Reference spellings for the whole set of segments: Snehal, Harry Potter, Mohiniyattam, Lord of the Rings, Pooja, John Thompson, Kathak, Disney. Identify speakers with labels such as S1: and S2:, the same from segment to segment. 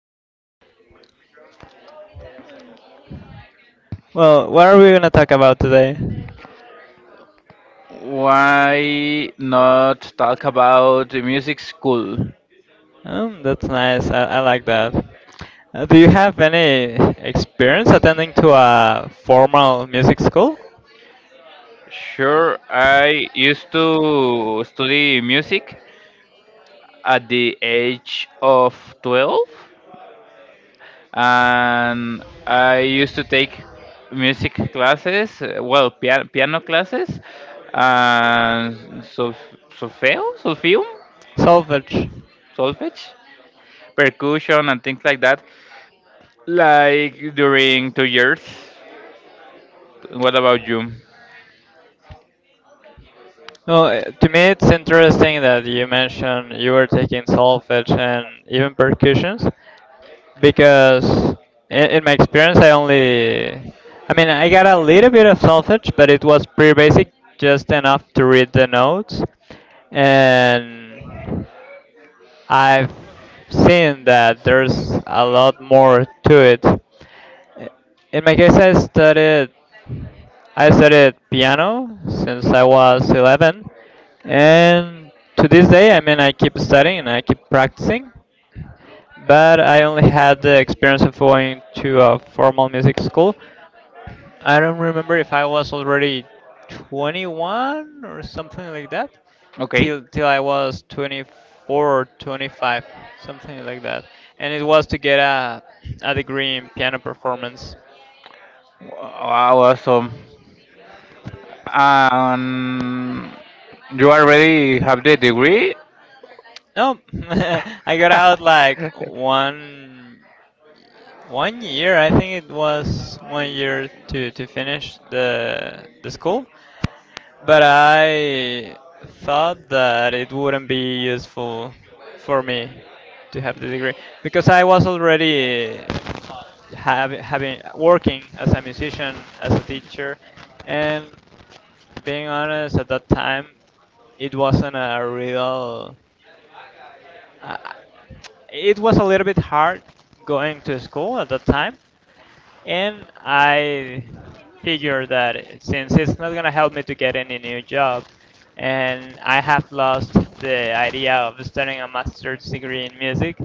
S1: good.
S2: Well, what are we gonna talk about today?
S1: Why not talk about the music school?
S2: That's nice. I like that. Do you have any experience attending to a formal music school?
S1: Sure, I used to study music at the age of 12, and I used to take music classes, piano, classes and solfeo, solfeum,
S2: Solfege.
S1: solfege, percussion and things like that. Like during 2 years. What about you?
S2: Well, to me, it's interesting that you mentioned you were taking solfege and even percussions. Because in my experience, I mean, I got a little bit of solfege, but it was pretty basic, just enough to read the notes. And I've seen that there's a lot more to it. I- in my case, I studied piano since I was 11, and to this day, I mean, I keep studying and I keep practicing. But I only had the experience of going to a formal music school. I don't remember if I was already 21 or something like that,
S1: Okay.
S2: till I was 24 or 25, something like that. And it was to get a degree in piano performance.
S1: Wow, awesome. Um, you already have the degree?
S2: No, I got out like one year. I think it was one year to finish the school. But I thought that it wouldn't be useful for me to have the degree, because I was already having, working as a musician, as a teacher, and being honest, at that time, it wasn't a real. Uh, it was a little bit hard going to school at that time, and I figure that since it's not gonna help me to get any new job, and I have lost the idea of studying a master's degree in music,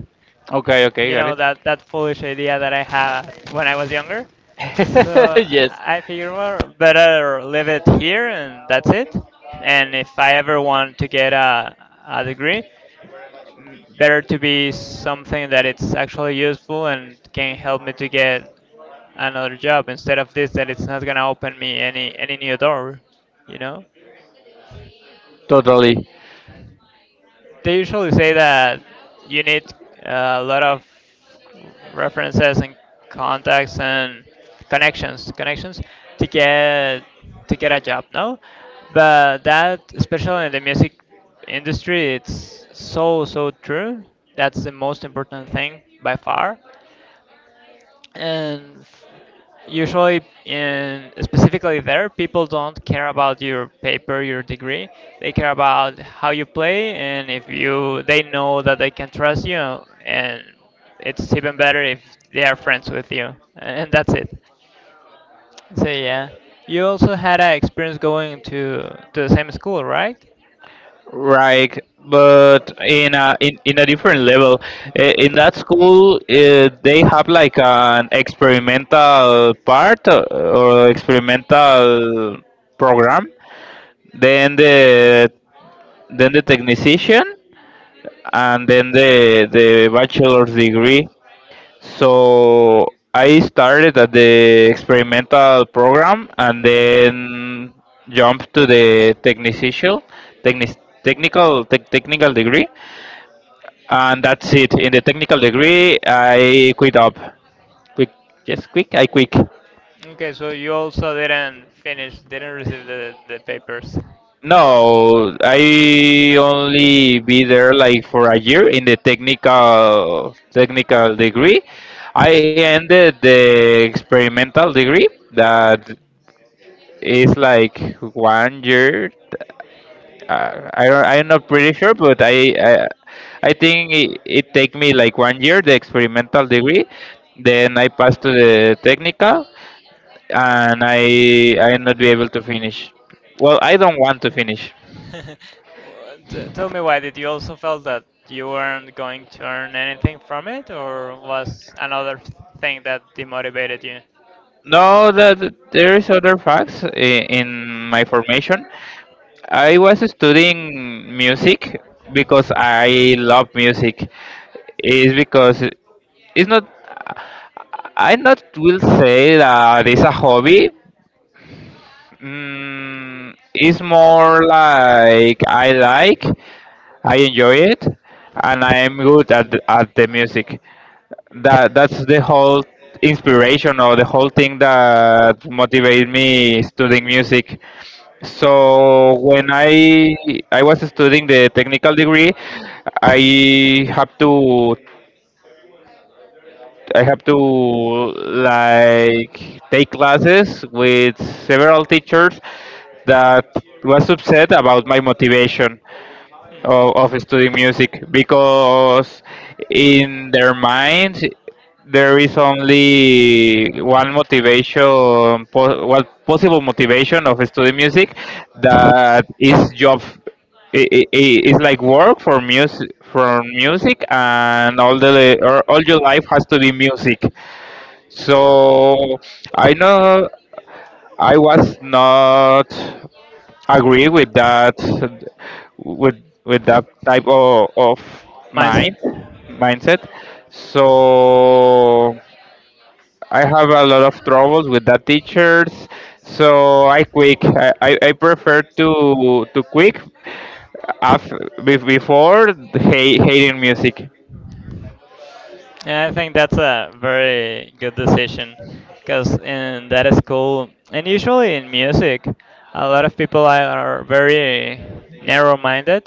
S1: Okay, okay,
S2: you
S1: got
S2: know,
S1: it.
S2: that that foolish idea that I had when I was younger. So
S1: Yes,
S2: I figure, well, better leave it here, and that's it. And if I ever want to get a degree, better to be something that it's actually useful and can help me to get another job instead of this that it's not gonna open me any new door you know
S1: totally. Totally.
S2: they usually say that you need a lot of references and contacts and connections to get a job, no. But that, especially in the music industry, it's so so true. That's the most important thing by far. And usually, in specifically, there people don't care about your paper, your degree. They care about how you play, and if you they know that they can trust you. And it's even better if they are friends with you, and that's it. So yeah, you also had an experience going to the same school, right?
S1: Right, but in a in a different level, in that school they have like an experimental part or experimental program. Then the then the technician, and then the bachelor's degree. So I started at the experimental program and then jumped to the technician, technic, technical technical degree, and that's it. In the technical degree, I quit up. Quick, just quick. I quick.
S2: Okay, so you also didn't finish, didn't receive the papers?
S1: No, I only be there like for a year in the technical degree. I ended the experimental degree, that is like 1 year. I don't, I'm not pretty sure, but I think it take me like 1 year the experimental degree. Then I passed to the technical. And I am not be able to finish. Well, I don't want to finish.
S2: Tell me why. Did you also felt that you weren't going to earn anything from it, or was another thing that demotivated you?
S1: No, that there is other facts in my formation. I was studying music because I love music. It's because it's not. I not will say that it's a hobby. Mm, it's more like, I enjoy it, and I'm good at at the music. That's the whole inspiration, or the whole thing that motivated me studying music. So when I was studying the technical degree, I have to, I have to like take classes with several teachers that was upset about my motivation of studying music, because in their minds there is only one motivation, what possible motivation of studying music, that is job. Like work for music, for music, and all the, or all your life has to be music. So I know I was not agree with that, with with that type of
S2: Mindset?
S1: mind, mindset. So I have a lot of troubles with that teachers, so I quick. I prefer to quick, af- before the hating music.
S2: Yeah, I think that's a very good decision, because in that school, and usually in music, a lot of people are very narrow minded,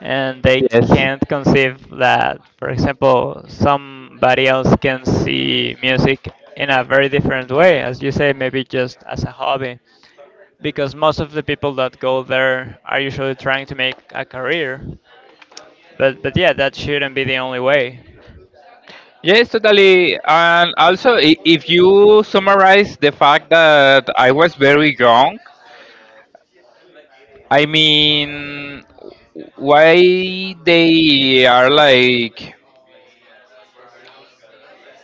S2: and they
S1: Yes.
S2: can't conceive that, for example, somebody else can see music in a very different way, as you say, maybe just as a hobby, because most of the people that go there are usually trying to make a career. But yeah, that shouldn't be the only way.
S1: Yes, totally. And also, if you summarize the fact that I was very young, I mean, why they are like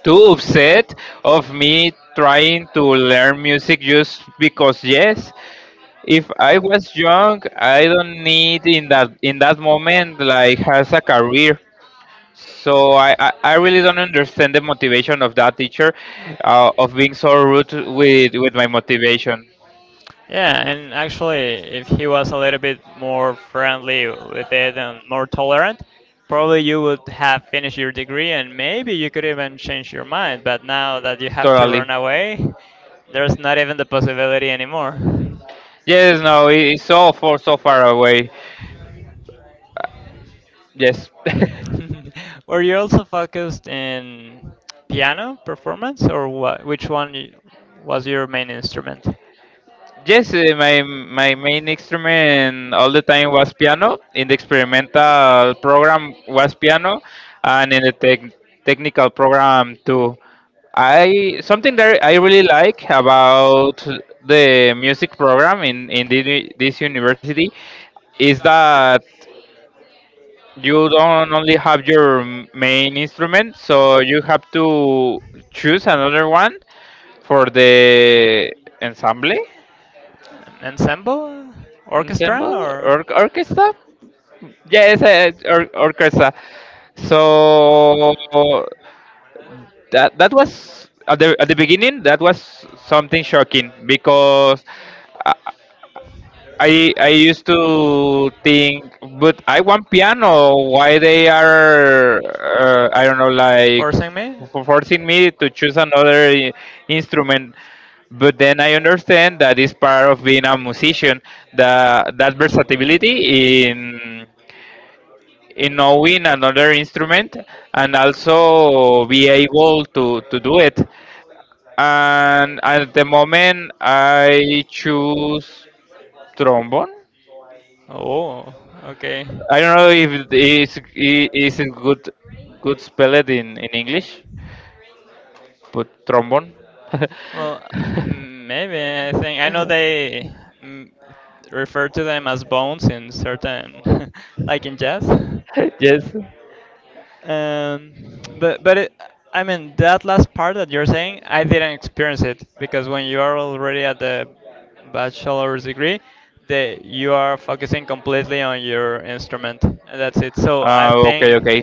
S1: too upset of me trying to learn music just because yes. If I was young, I don't need in that moment like has a career. So I really don't understand the motivation of that teacher, of being so rude with my motivation.
S2: Yeah, and actually, if he was a little bit more friendly with it and more tolerant, probably you would have finished your degree, and maybe you could even change your mind. But now that you have to
S1: Totally.
S2: run away, there's not even the possibility anymore.
S1: Yes, no, it's so far, so far away. Yes.
S2: Were you also focused in piano performance, or what, which one was your main instrument?
S1: Yes, eh, my main instrument all the time was piano. In the experimental program was piano, and in the technical program too. I something that I really like about the music program in this university is that you don't only have your main instrument, so you have to choose another one for the ensemble,
S2: Ensemble, orchestra,
S1: ensemble,
S2: or
S1: or orchestra. Yes, orchestra. So that was at the, at the beginning, that was something shocking because. uh, I used to think, but I want piano. Why they are I don't know, like
S2: forcing me?
S1: forcing me to choose another instrument. But then I understand that is part of being a musician. That versatility in knowing another instrument, and also be able to do it. And at the moment, I choose trombone.
S2: Oh, okay.
S1: I don't know if it is a good, good spell in English, but trombone.
S2: Well, maybe. I think I know they mm, refer to them as bones in certain, like in jazz.
S1: Yes.
S2: Um, but it, I mean, that last part that you're saying, I didn't experience it, because when you are already at the bachelor's degree, that you are focusing completely on your instrument. And that's it. So I
S1: Okay.
S2: think.
S1: Okay.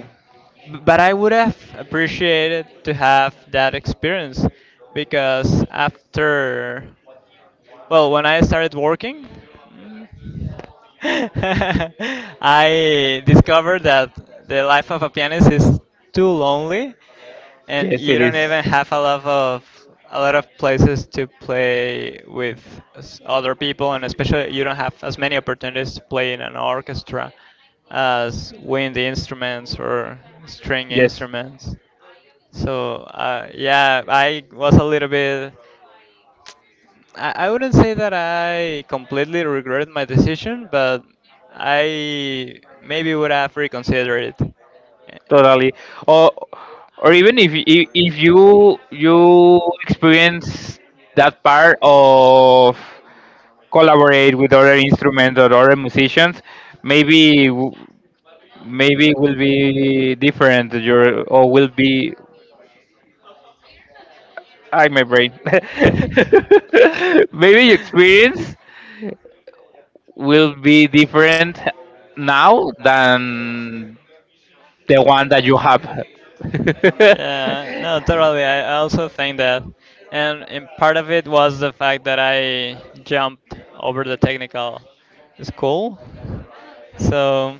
S2: But I would have appreciated to have that experience, because after, well, when I started working, mm, I discovered that the life of a pianist is too lonely, and
S1: Yes,
S2: you
S1: it
S2: don't
S1: is.
S2: even have a lot of places to play with other people, and especially you don't have as many opportunities to play in an orchestra as wind instruments or string
S1: Yes,
S2: instruments. So, yeah, I was a little bit. I wouldn't say that I completely regret my decision, but I maybe would have reconsidered it.
S1: totally. Or or even if you you experience that part of collaborate with other instruments or other musicians, maybe maybe will be different. Your, or will be, I my brain. Maybe your experience will be different now than the one that you have.
S2: Yeah, no, totally. I also think that, and part of it was the fact that I jumped over the technical school. So,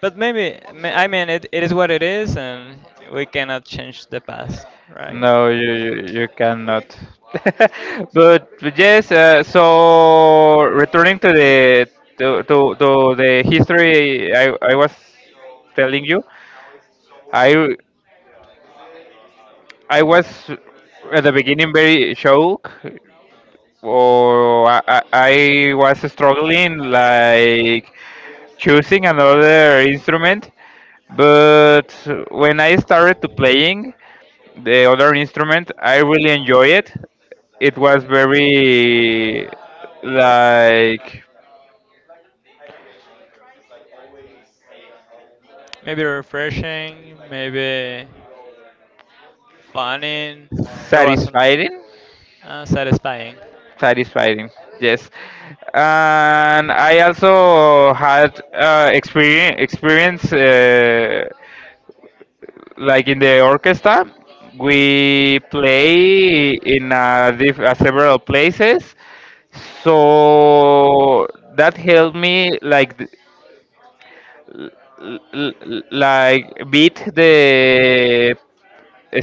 S2: but maybe I mean, it is what it is, and we cannot change the past, right?
S1: No, you cannot. But yes, so returning to the, to the history I was telling you, I I was at the beginning very shocked, or I was struggling like choosing another instrument. But when I started to playing the other instrument, I really enjoy it. It was very like
S2: Maybe refreshing, maybe funny. There was some
S1: satisfying.
S2: satisfying.
S1: Satisfying, yes. And I also had experience, like in the orchestra we play in a several places. So that helped me like beat the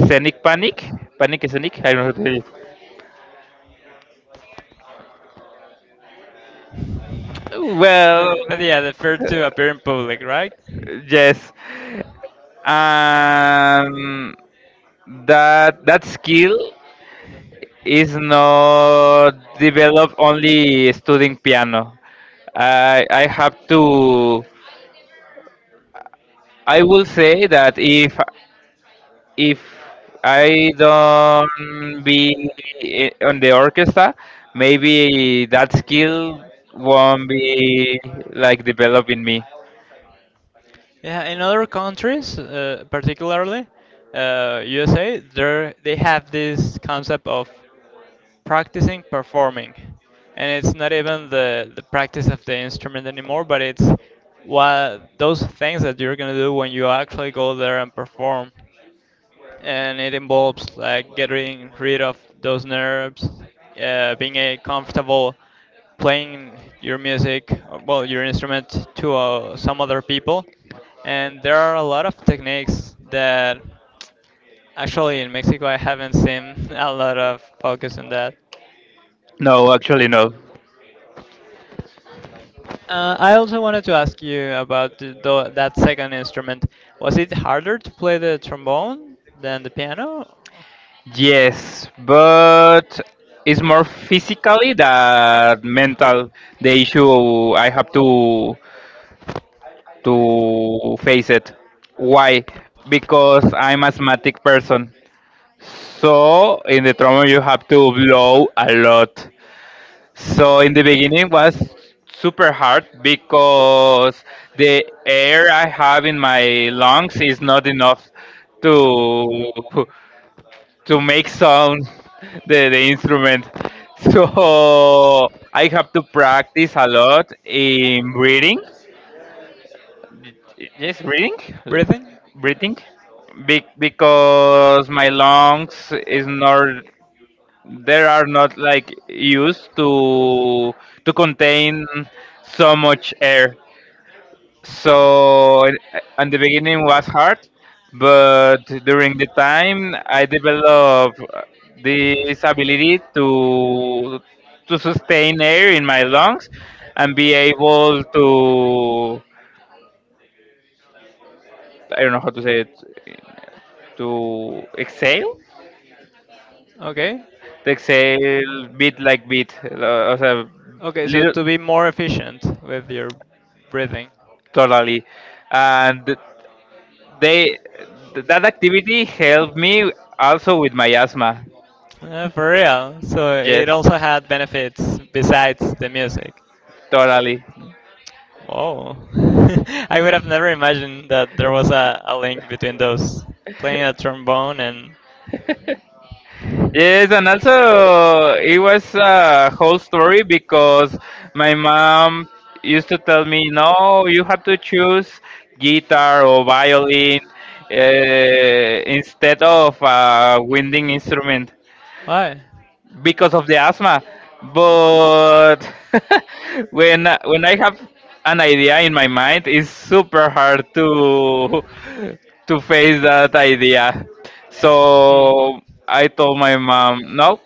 S1: scenic panic, panic scenic, I don't know how to tell it. Well,
S2: But yeah, the fear to appear in public, right?
S1: yes. And that skill is not developed only studying piano. I have to. I will say that if I don't be on the orchestra, maybe that skill won't be like developed in me.
S2: Yeah, in other countries, particularly USA, there they have this concept of practicing performing, and it's not even the practice of the instrument anymore, but it's what those things that you're gonna do when you actually go there and perform. And it involves like getting rid of those nerves, being a comfortable playing your music, well, your instrument to some other people. And there are a lot of techniques that actually in Mexico I haven't seen a lot of focus on that.
S1: No, actually no.
S2: I also wanted to ask you about that second instrument. Was it harder to play the trombone than the piano?
S1: Yes, but it's more physically than mental. The issue I have to face it. Why? Because I'm asthmatic person. So in the trauma you have to blow a lot. So in the beginning was super hard because the air I have in my lungs is not enough to make sound the instrument. So I have to practice a lot in breathing. Yes, breathing,
S2: Breathing?
S1: breathing, because my lungs is not, they are not like used to contain so much air. So at the beginning was hard, but during the time I developed this ability to sustain air in my lungs and be able to, I don't know how to say it, to exhale.
S2: Okay.
S1: The exhale bit like bit, so
S2: Okay, so
S1: little.
S2: to be more efficient with your breathing.
S1: Totally, and they that activity helped me also with my asthma.
S2: For real. So
S1: Yes,
S2: it also had benefits besides the music.
S1: totally.
S2: Oh, I would have never imagined that there was a link between those. Playing a trombone and.
S1: Yes, and also it was a whole story because my mom used to tell me, no, you have to choose guitar or violin instead of a winding instrument
S2: Why?
S1: because of the asthma. But when I have an idea in my mind, it's super hard to to face that idea.
S2: Hmm.
S1: So I told my mom, no,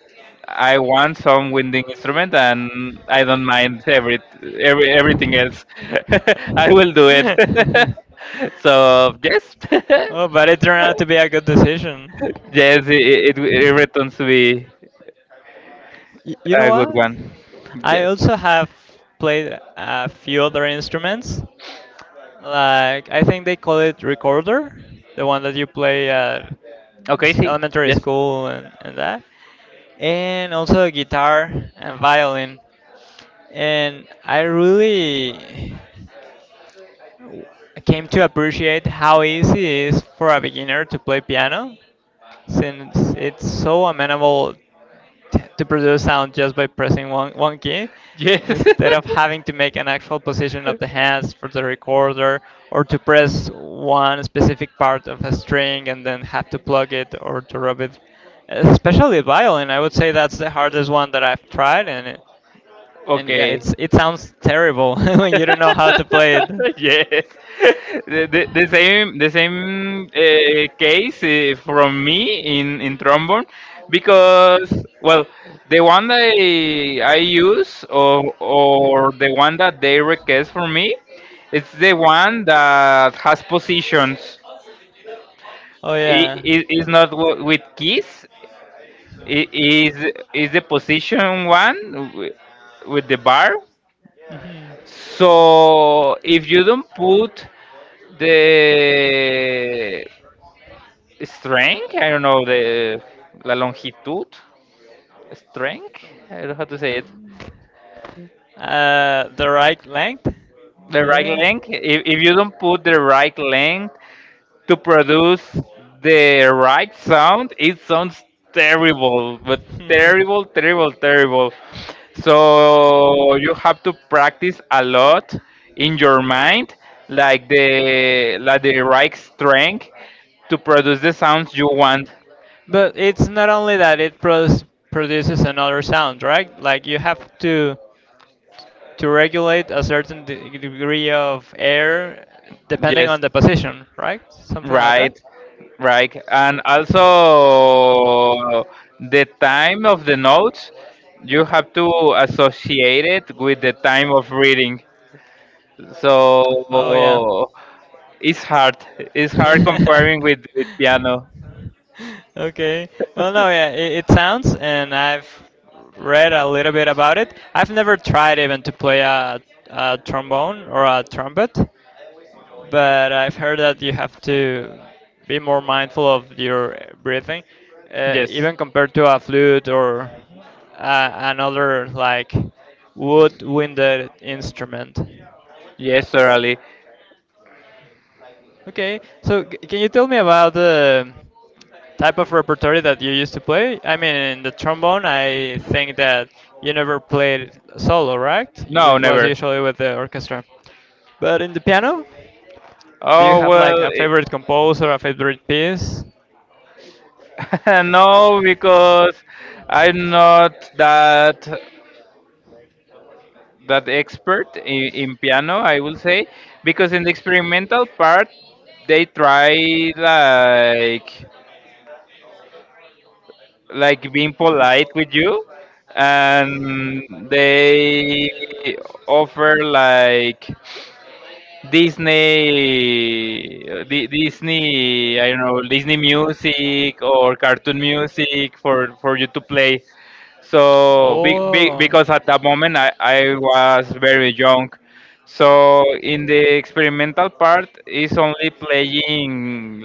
S1: I want some winding instrument, and I don't mind everything else. I will do it. So yes.
S2: Oh, but it turned out to be a good decision.
S1: Yes, it returns to me.
S2: You know
S1: A good
S2: what?
S1: one.
S2: I
S1: Yes.
S2: also have played a few other instruments. Like I think they call it recorder, the one that you play at
S1: Okay,
S2: okay,
S1: see.
S2: elementary
S1: Yes.
S2: school, and that. And also guitar and violin. And I really came to appreciate how easy it is for a beginner to play piano, since it's so amenable to produce sound just by pressing one key,
S1: Yes.
S2: instead of having to make an actual position of the hands for the recorder, or to press one specific part of a string and then have to plug it or to rub it. Especially violin, I would say that's the hardest one that I've tried, and it, and yeah,
S1: Okay.
S2: it sounds terrible when you don't know how to play it.
S1: Yes. The same case from me in trombone because, well, the one that I use, or the one that they request for me, it's the one that has positions.
S2: Oh yeah.
S1: Is not with keys. I- Is is the position one with the bar?
S2: Hmm.
S1: So if you don't put the strength, I don't know, the la longitud, strength. I don't know how to say it.
S2: The right length,
S1: The right
S2: maybe.
S1: length. If you don't put the right length to produce the right sound, it sounds terrible, but terrible, terrible, terrible. So you have to practice a lot in your mind, like the right strength to produce the sounds you want.
S2: But it's not only that it produces another sound, right? Like you have to regulate a certain degree of air depending
S1: Yes.
S2: on the position, right? Something like that.
S1: Right, right. And also the time of the notes, you have to associate it with the time of reading.
S2: Oh yeah.
S1: So it's hard. It's hard comparing with piano.
S2: Okay. Well, no, yeah, it sounds, and I've read a little bit about it. I've never tried even to play a trombone or a trumpet, but I've heard that you have to be more mindful of your breathing,
S1: Yes.
S2: even compared to a flute or another like wood-winded instrument.
S1: Yes, totally.
S2: Okay, so can you tell me about the type of repertory that you used to play? I mean, in the trombone, I think that you never played solo, right?
S1: No,
S2: It was
S1: never.
S2: usually with the orchestra. But in the piano, do you
S1: Oh
S2: have like
S1: well,
S2: a
S1: it,
S2: favorite composer, a favorite piece?
S1: no, because I'm not that expert in piano. I will say because in the experimental part, they try like being polite with you, and they offer like Disney, Disney, I don't know, Disney music or cartoon music for you to play. So,
S2: Oh.
S1: because at that moment I was very young. So, in the experimental part, is only playing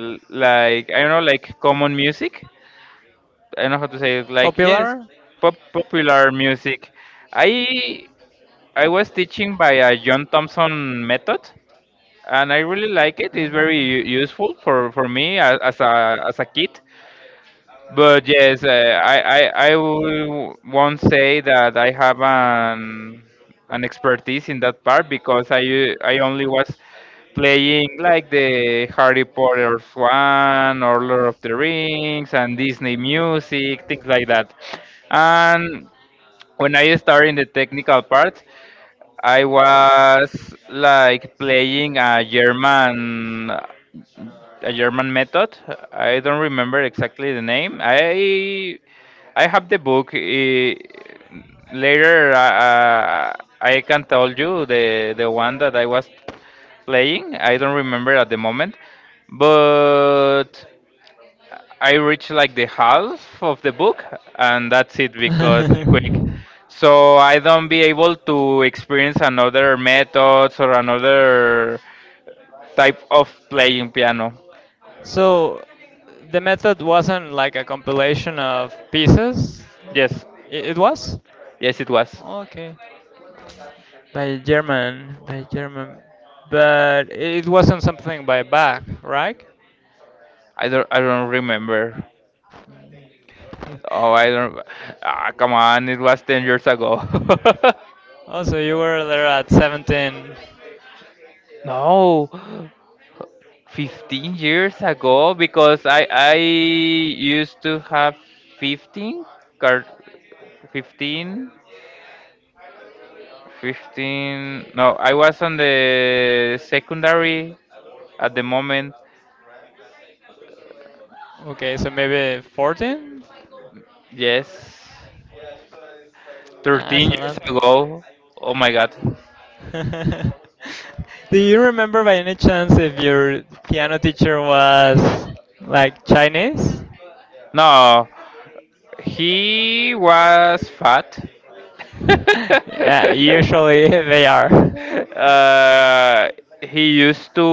S1: like, I don't know, like common music. I don't know how to say it, like, yes, pop, popular music. I, I was teaching by a John Thompson method, and I really like it. It's very useful for me as a kid. But yes, I will- won't say
S2: Not.
S1: that I have an expertise in that part because I only was playing like the Harry Potter one, or Lord of the Rings and Disney music, things like that. And when I started in the technical part, I was like playing a German method. I don't remember exactly the name. I have the book. Eh, later, uh, I can tell you the one that I was playing. I don't remember at the moment, but I reached like the half of the book, and that's it because I'm quick. So I don't be able to experience another methods or another type of playing piano.
S2: So the method wasn't like a compilation of pieces?
S1: Yes,
S2: It was?
S1: yes, it was.
S2: Was. Okay. By German, by German. But it wasn't something by Bach, right?
S1: I don't remember. Oh, I don't. Ah, come on, it was 10 years ago.
S2: Oh, so you were there at 17.
S1: No, 15 years ago, because I used to have 15 card fifteen 15. No, I was on the secondary at the moment.
S2: Okay, so maybe 14?
S1: Yes,
S2: Ah, that's
S1: 13 years
S2: a
S1: ago. Oh my god.
S2: lot. Do you remember by any chance if your piano teacher was like Chinese?
S1: No, he was fat.
S2: Yeah, usually they are.
S1: uh, he used to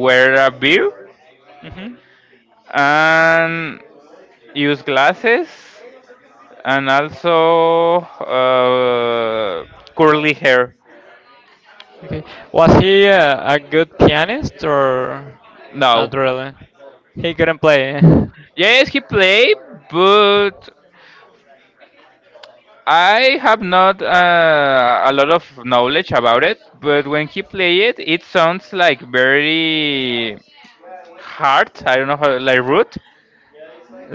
S1: wear a beard,
S2: Mhm.
S1: and use glasses, and also curly hair.
S2: Okay. Was he a good pianist or not
S1: No.
S2: really? He couldn't play.
S1: Yes, he played, but I have not a lot of knowledge about it. But when he play it, it sounds like very hard. I don't know how, like root.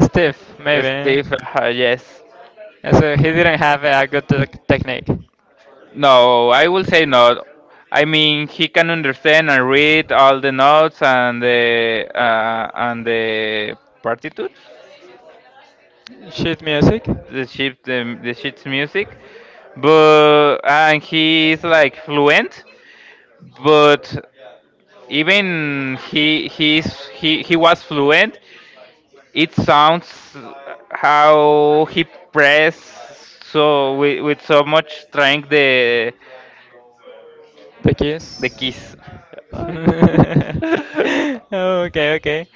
S2: Steve, maybe.
S1: Steve, yes.
S2: Yeah, so he didn't have a good technique.
S1: No, I will say not. I mean, he can understand and read all the notes and the partitudes,
S2: Sheet music,
S1: the sheet, the sheet's music, but, and he is like fluent, but even he he's he was fluent, it sounds how he pressed so with so much strength
S2: the
S1: the
S2: keys.
S1: keys.
S2: Okay, okay.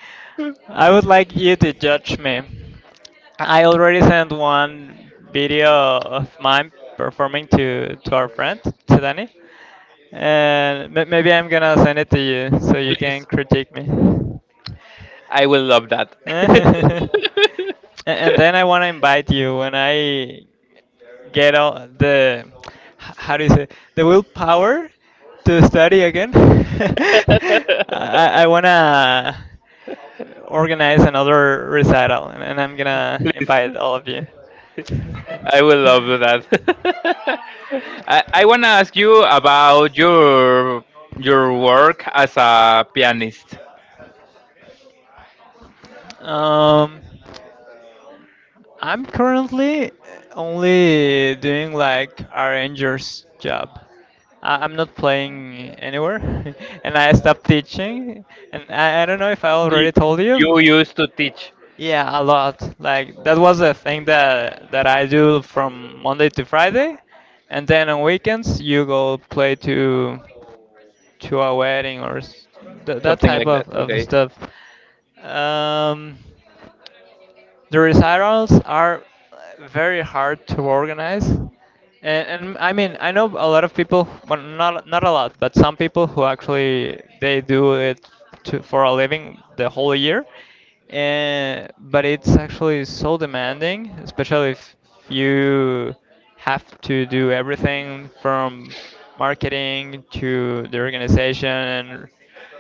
S2: I would like you to judge me. I already sent one video of mine performing to our friend, to Danny. And maybe I'm gonna send it to you so you can
S1: Please,
S2: critique me.
S1: I will love that.
S2: A- and then I wanna invite you when I get all the how do you say, the willpower to study again. I I I wanna organize another recital, and I'm gonna
S1: Please.
S2: invite all of you.
S1: I will love that. I want to ask you about your work as a pianist.
S2: Um, I'm currently only doing like arranger's job. I'm not playing anywhere, and I stopped teaching. And I don't know if I
S1: You,
S2: already told you.
S1: you used to teach
S2: Yeah, a lot. Like that was the thing that I do from Monday to Friday, and then on weekends you go play to a wedding or that
S1: something
S2: type
S1: like this.
S2: of
S1: Okay.
S2: stuff. Um, the recitals are very hard to organize, and I mean I know a lot of people, well not a lot, but some people who actually they do it for a living the whole year, and but it's actually so demanding, especially if you have to do everything from marketing to the organization, and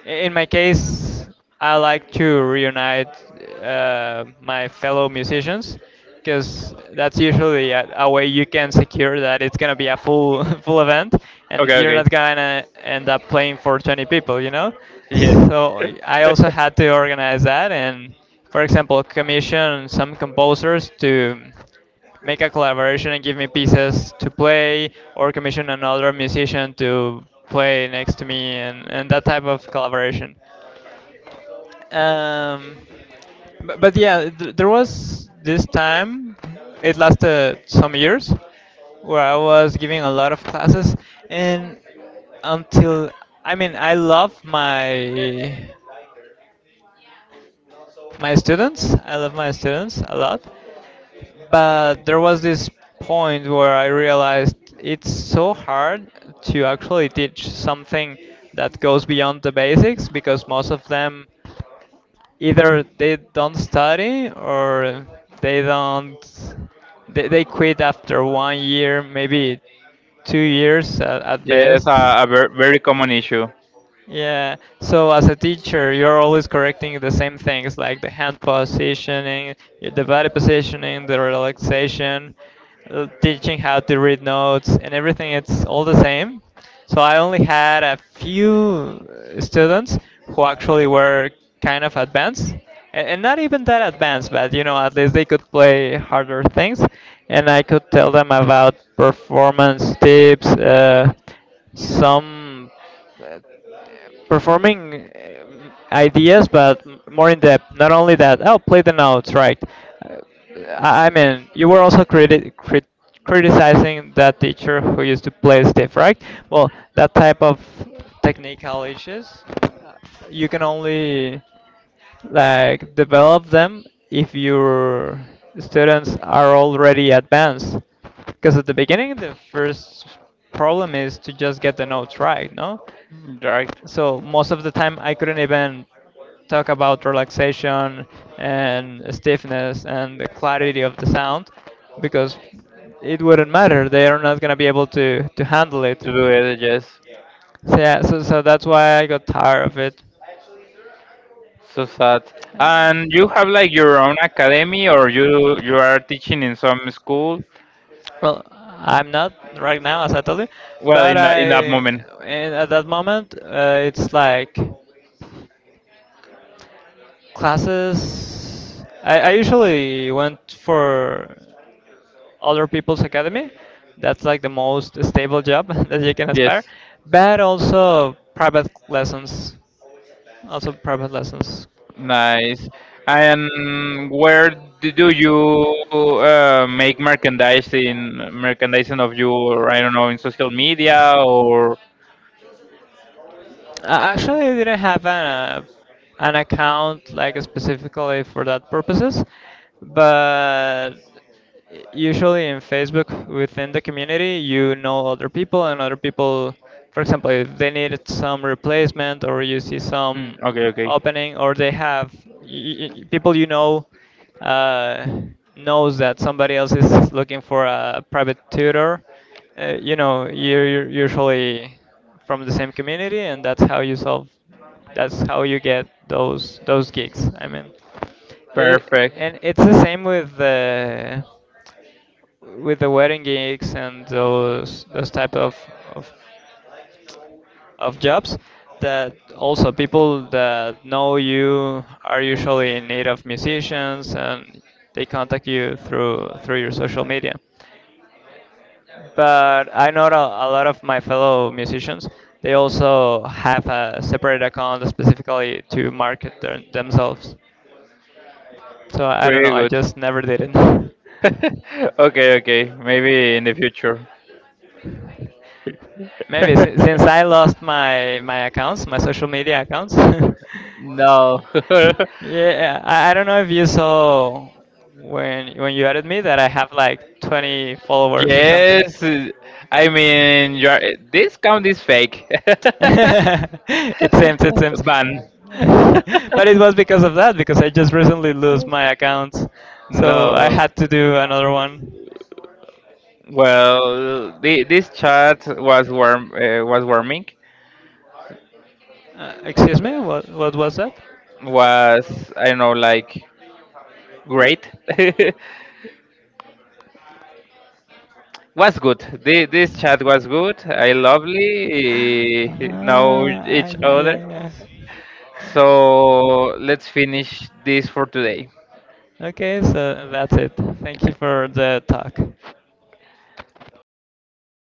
S2: in my case, I like to reunite my fellow musicians, because that's usually a way you can secure that it's gonna be a full full event, and
S1: Okay.
S2: you're
S1: Okay.
S2: not gonna end up playing for 20 people.
S1: Yes.
S2: So I also had to organize that and, for example, commission some composers to make a collaboration and give me pieces to play, or commission another musician to play next to me, and that type of collaboration. um, but yeah, there was this time, it lasted some years, where I was giving a lot of classes, and until, I mean, I love my my students I love my students a lot. But there was this point where I realized it's so hard to actually teach something that goes beyond the basics, because most of them either they don't study, or they don't they quit after 1 year, maybe 2 years at
S1: Yes.
S2: best.
S1: Very common issue.
S2: Yeah, so as a teacher you're always correcting the same things, like the hand positioning, the body positioning, the relaxation, teaching how to read notes, and everything, it's all the same. So I only had a few students who actually were kind of advanced, and not even that advanced, but you know, at least they could play harder things, and I could tell them about performance tips, some performing ideas, but more in depth. Not only that, oh, play the notes right. Uh, I mean, you were also criticizing that teacher who used to play stiff, right? Well, that type of technical issues, you can only like develop them if your students are already advanced. Because at the beginning, the first problem is to just get the notes right, no?
S1: Right.
S2: So most of the time I couldn't even talk about relaxation and stiffness and the clarity of the sound, because it wouldn't matter. They are not gonna be able to handle it.
S1: To do it, yes.
S2: So yeah, so that's why I got tired of it.
S1: So sad. And you have like your own academy, or you are teaching in some school?
S2: Well, I'm not right now, as I told you,
S1: Well,
S2: but
S1: in
S2: I,
S1: that moment.
S2: in, at that moment it's like classes, I usually went for other people's academy. That's like the most stable job that you can
S1: Yes.
S2: aspire. But also private lessons. Also private lessons.
S1: Nice. And where do you make merchandising, merchandising of your, I don't know, in social media or.
S2: I actually didn't have an account like specifically for that purposes, but usually in Facebook within the community, you know, other people, and other people, for example, if they needed some replacement, or you see some
S1: Mm, okay, okay.
S2: opening, or they have people you know uh, knows that somebody else is looking for a private tutor. You're usually from the same community, and that's how you solve. That's how you get those gigs, I mean. It,
S1: Perfect.
S2: and it's the same with the wedding gigs and those type of, of jobs, that also people that know you are usually in need of musicians, and they contact you through your social media. But I know that a lot of my fellow musicians, they also have a separate account specifically to market themselves. So I don't know,
S1: Pretty
S2: I
S1: good.
S2: just never did it.
S1: Okay, okay. Maybe in the future.
S2: Maybe since I lost my my social media accounts.
S1: No.
S2: Yeah, I don't know if you saw, when you added me, that I have like 20 followers or something.
S1: Yes. I mean, you are, this count is fake.
S2: It seems, it seems.
S1: Ban.
S2: But it was because of that, because I just recently lost my account, so I
S1: No,
S2: had to do another one.
S1: well, the, this chat was warm, was warming,
S2: Excuse me, what was that?
S1: was I don't know, like great, was good. The, this chat was good. I lovely eh, know
S2: Ah,
S1: each
S2: yeah,
S1: other.
S2: yeah, yeah.
S1: So let's finish this for today.
S2: Okay, so that's it. Thank you for the talk.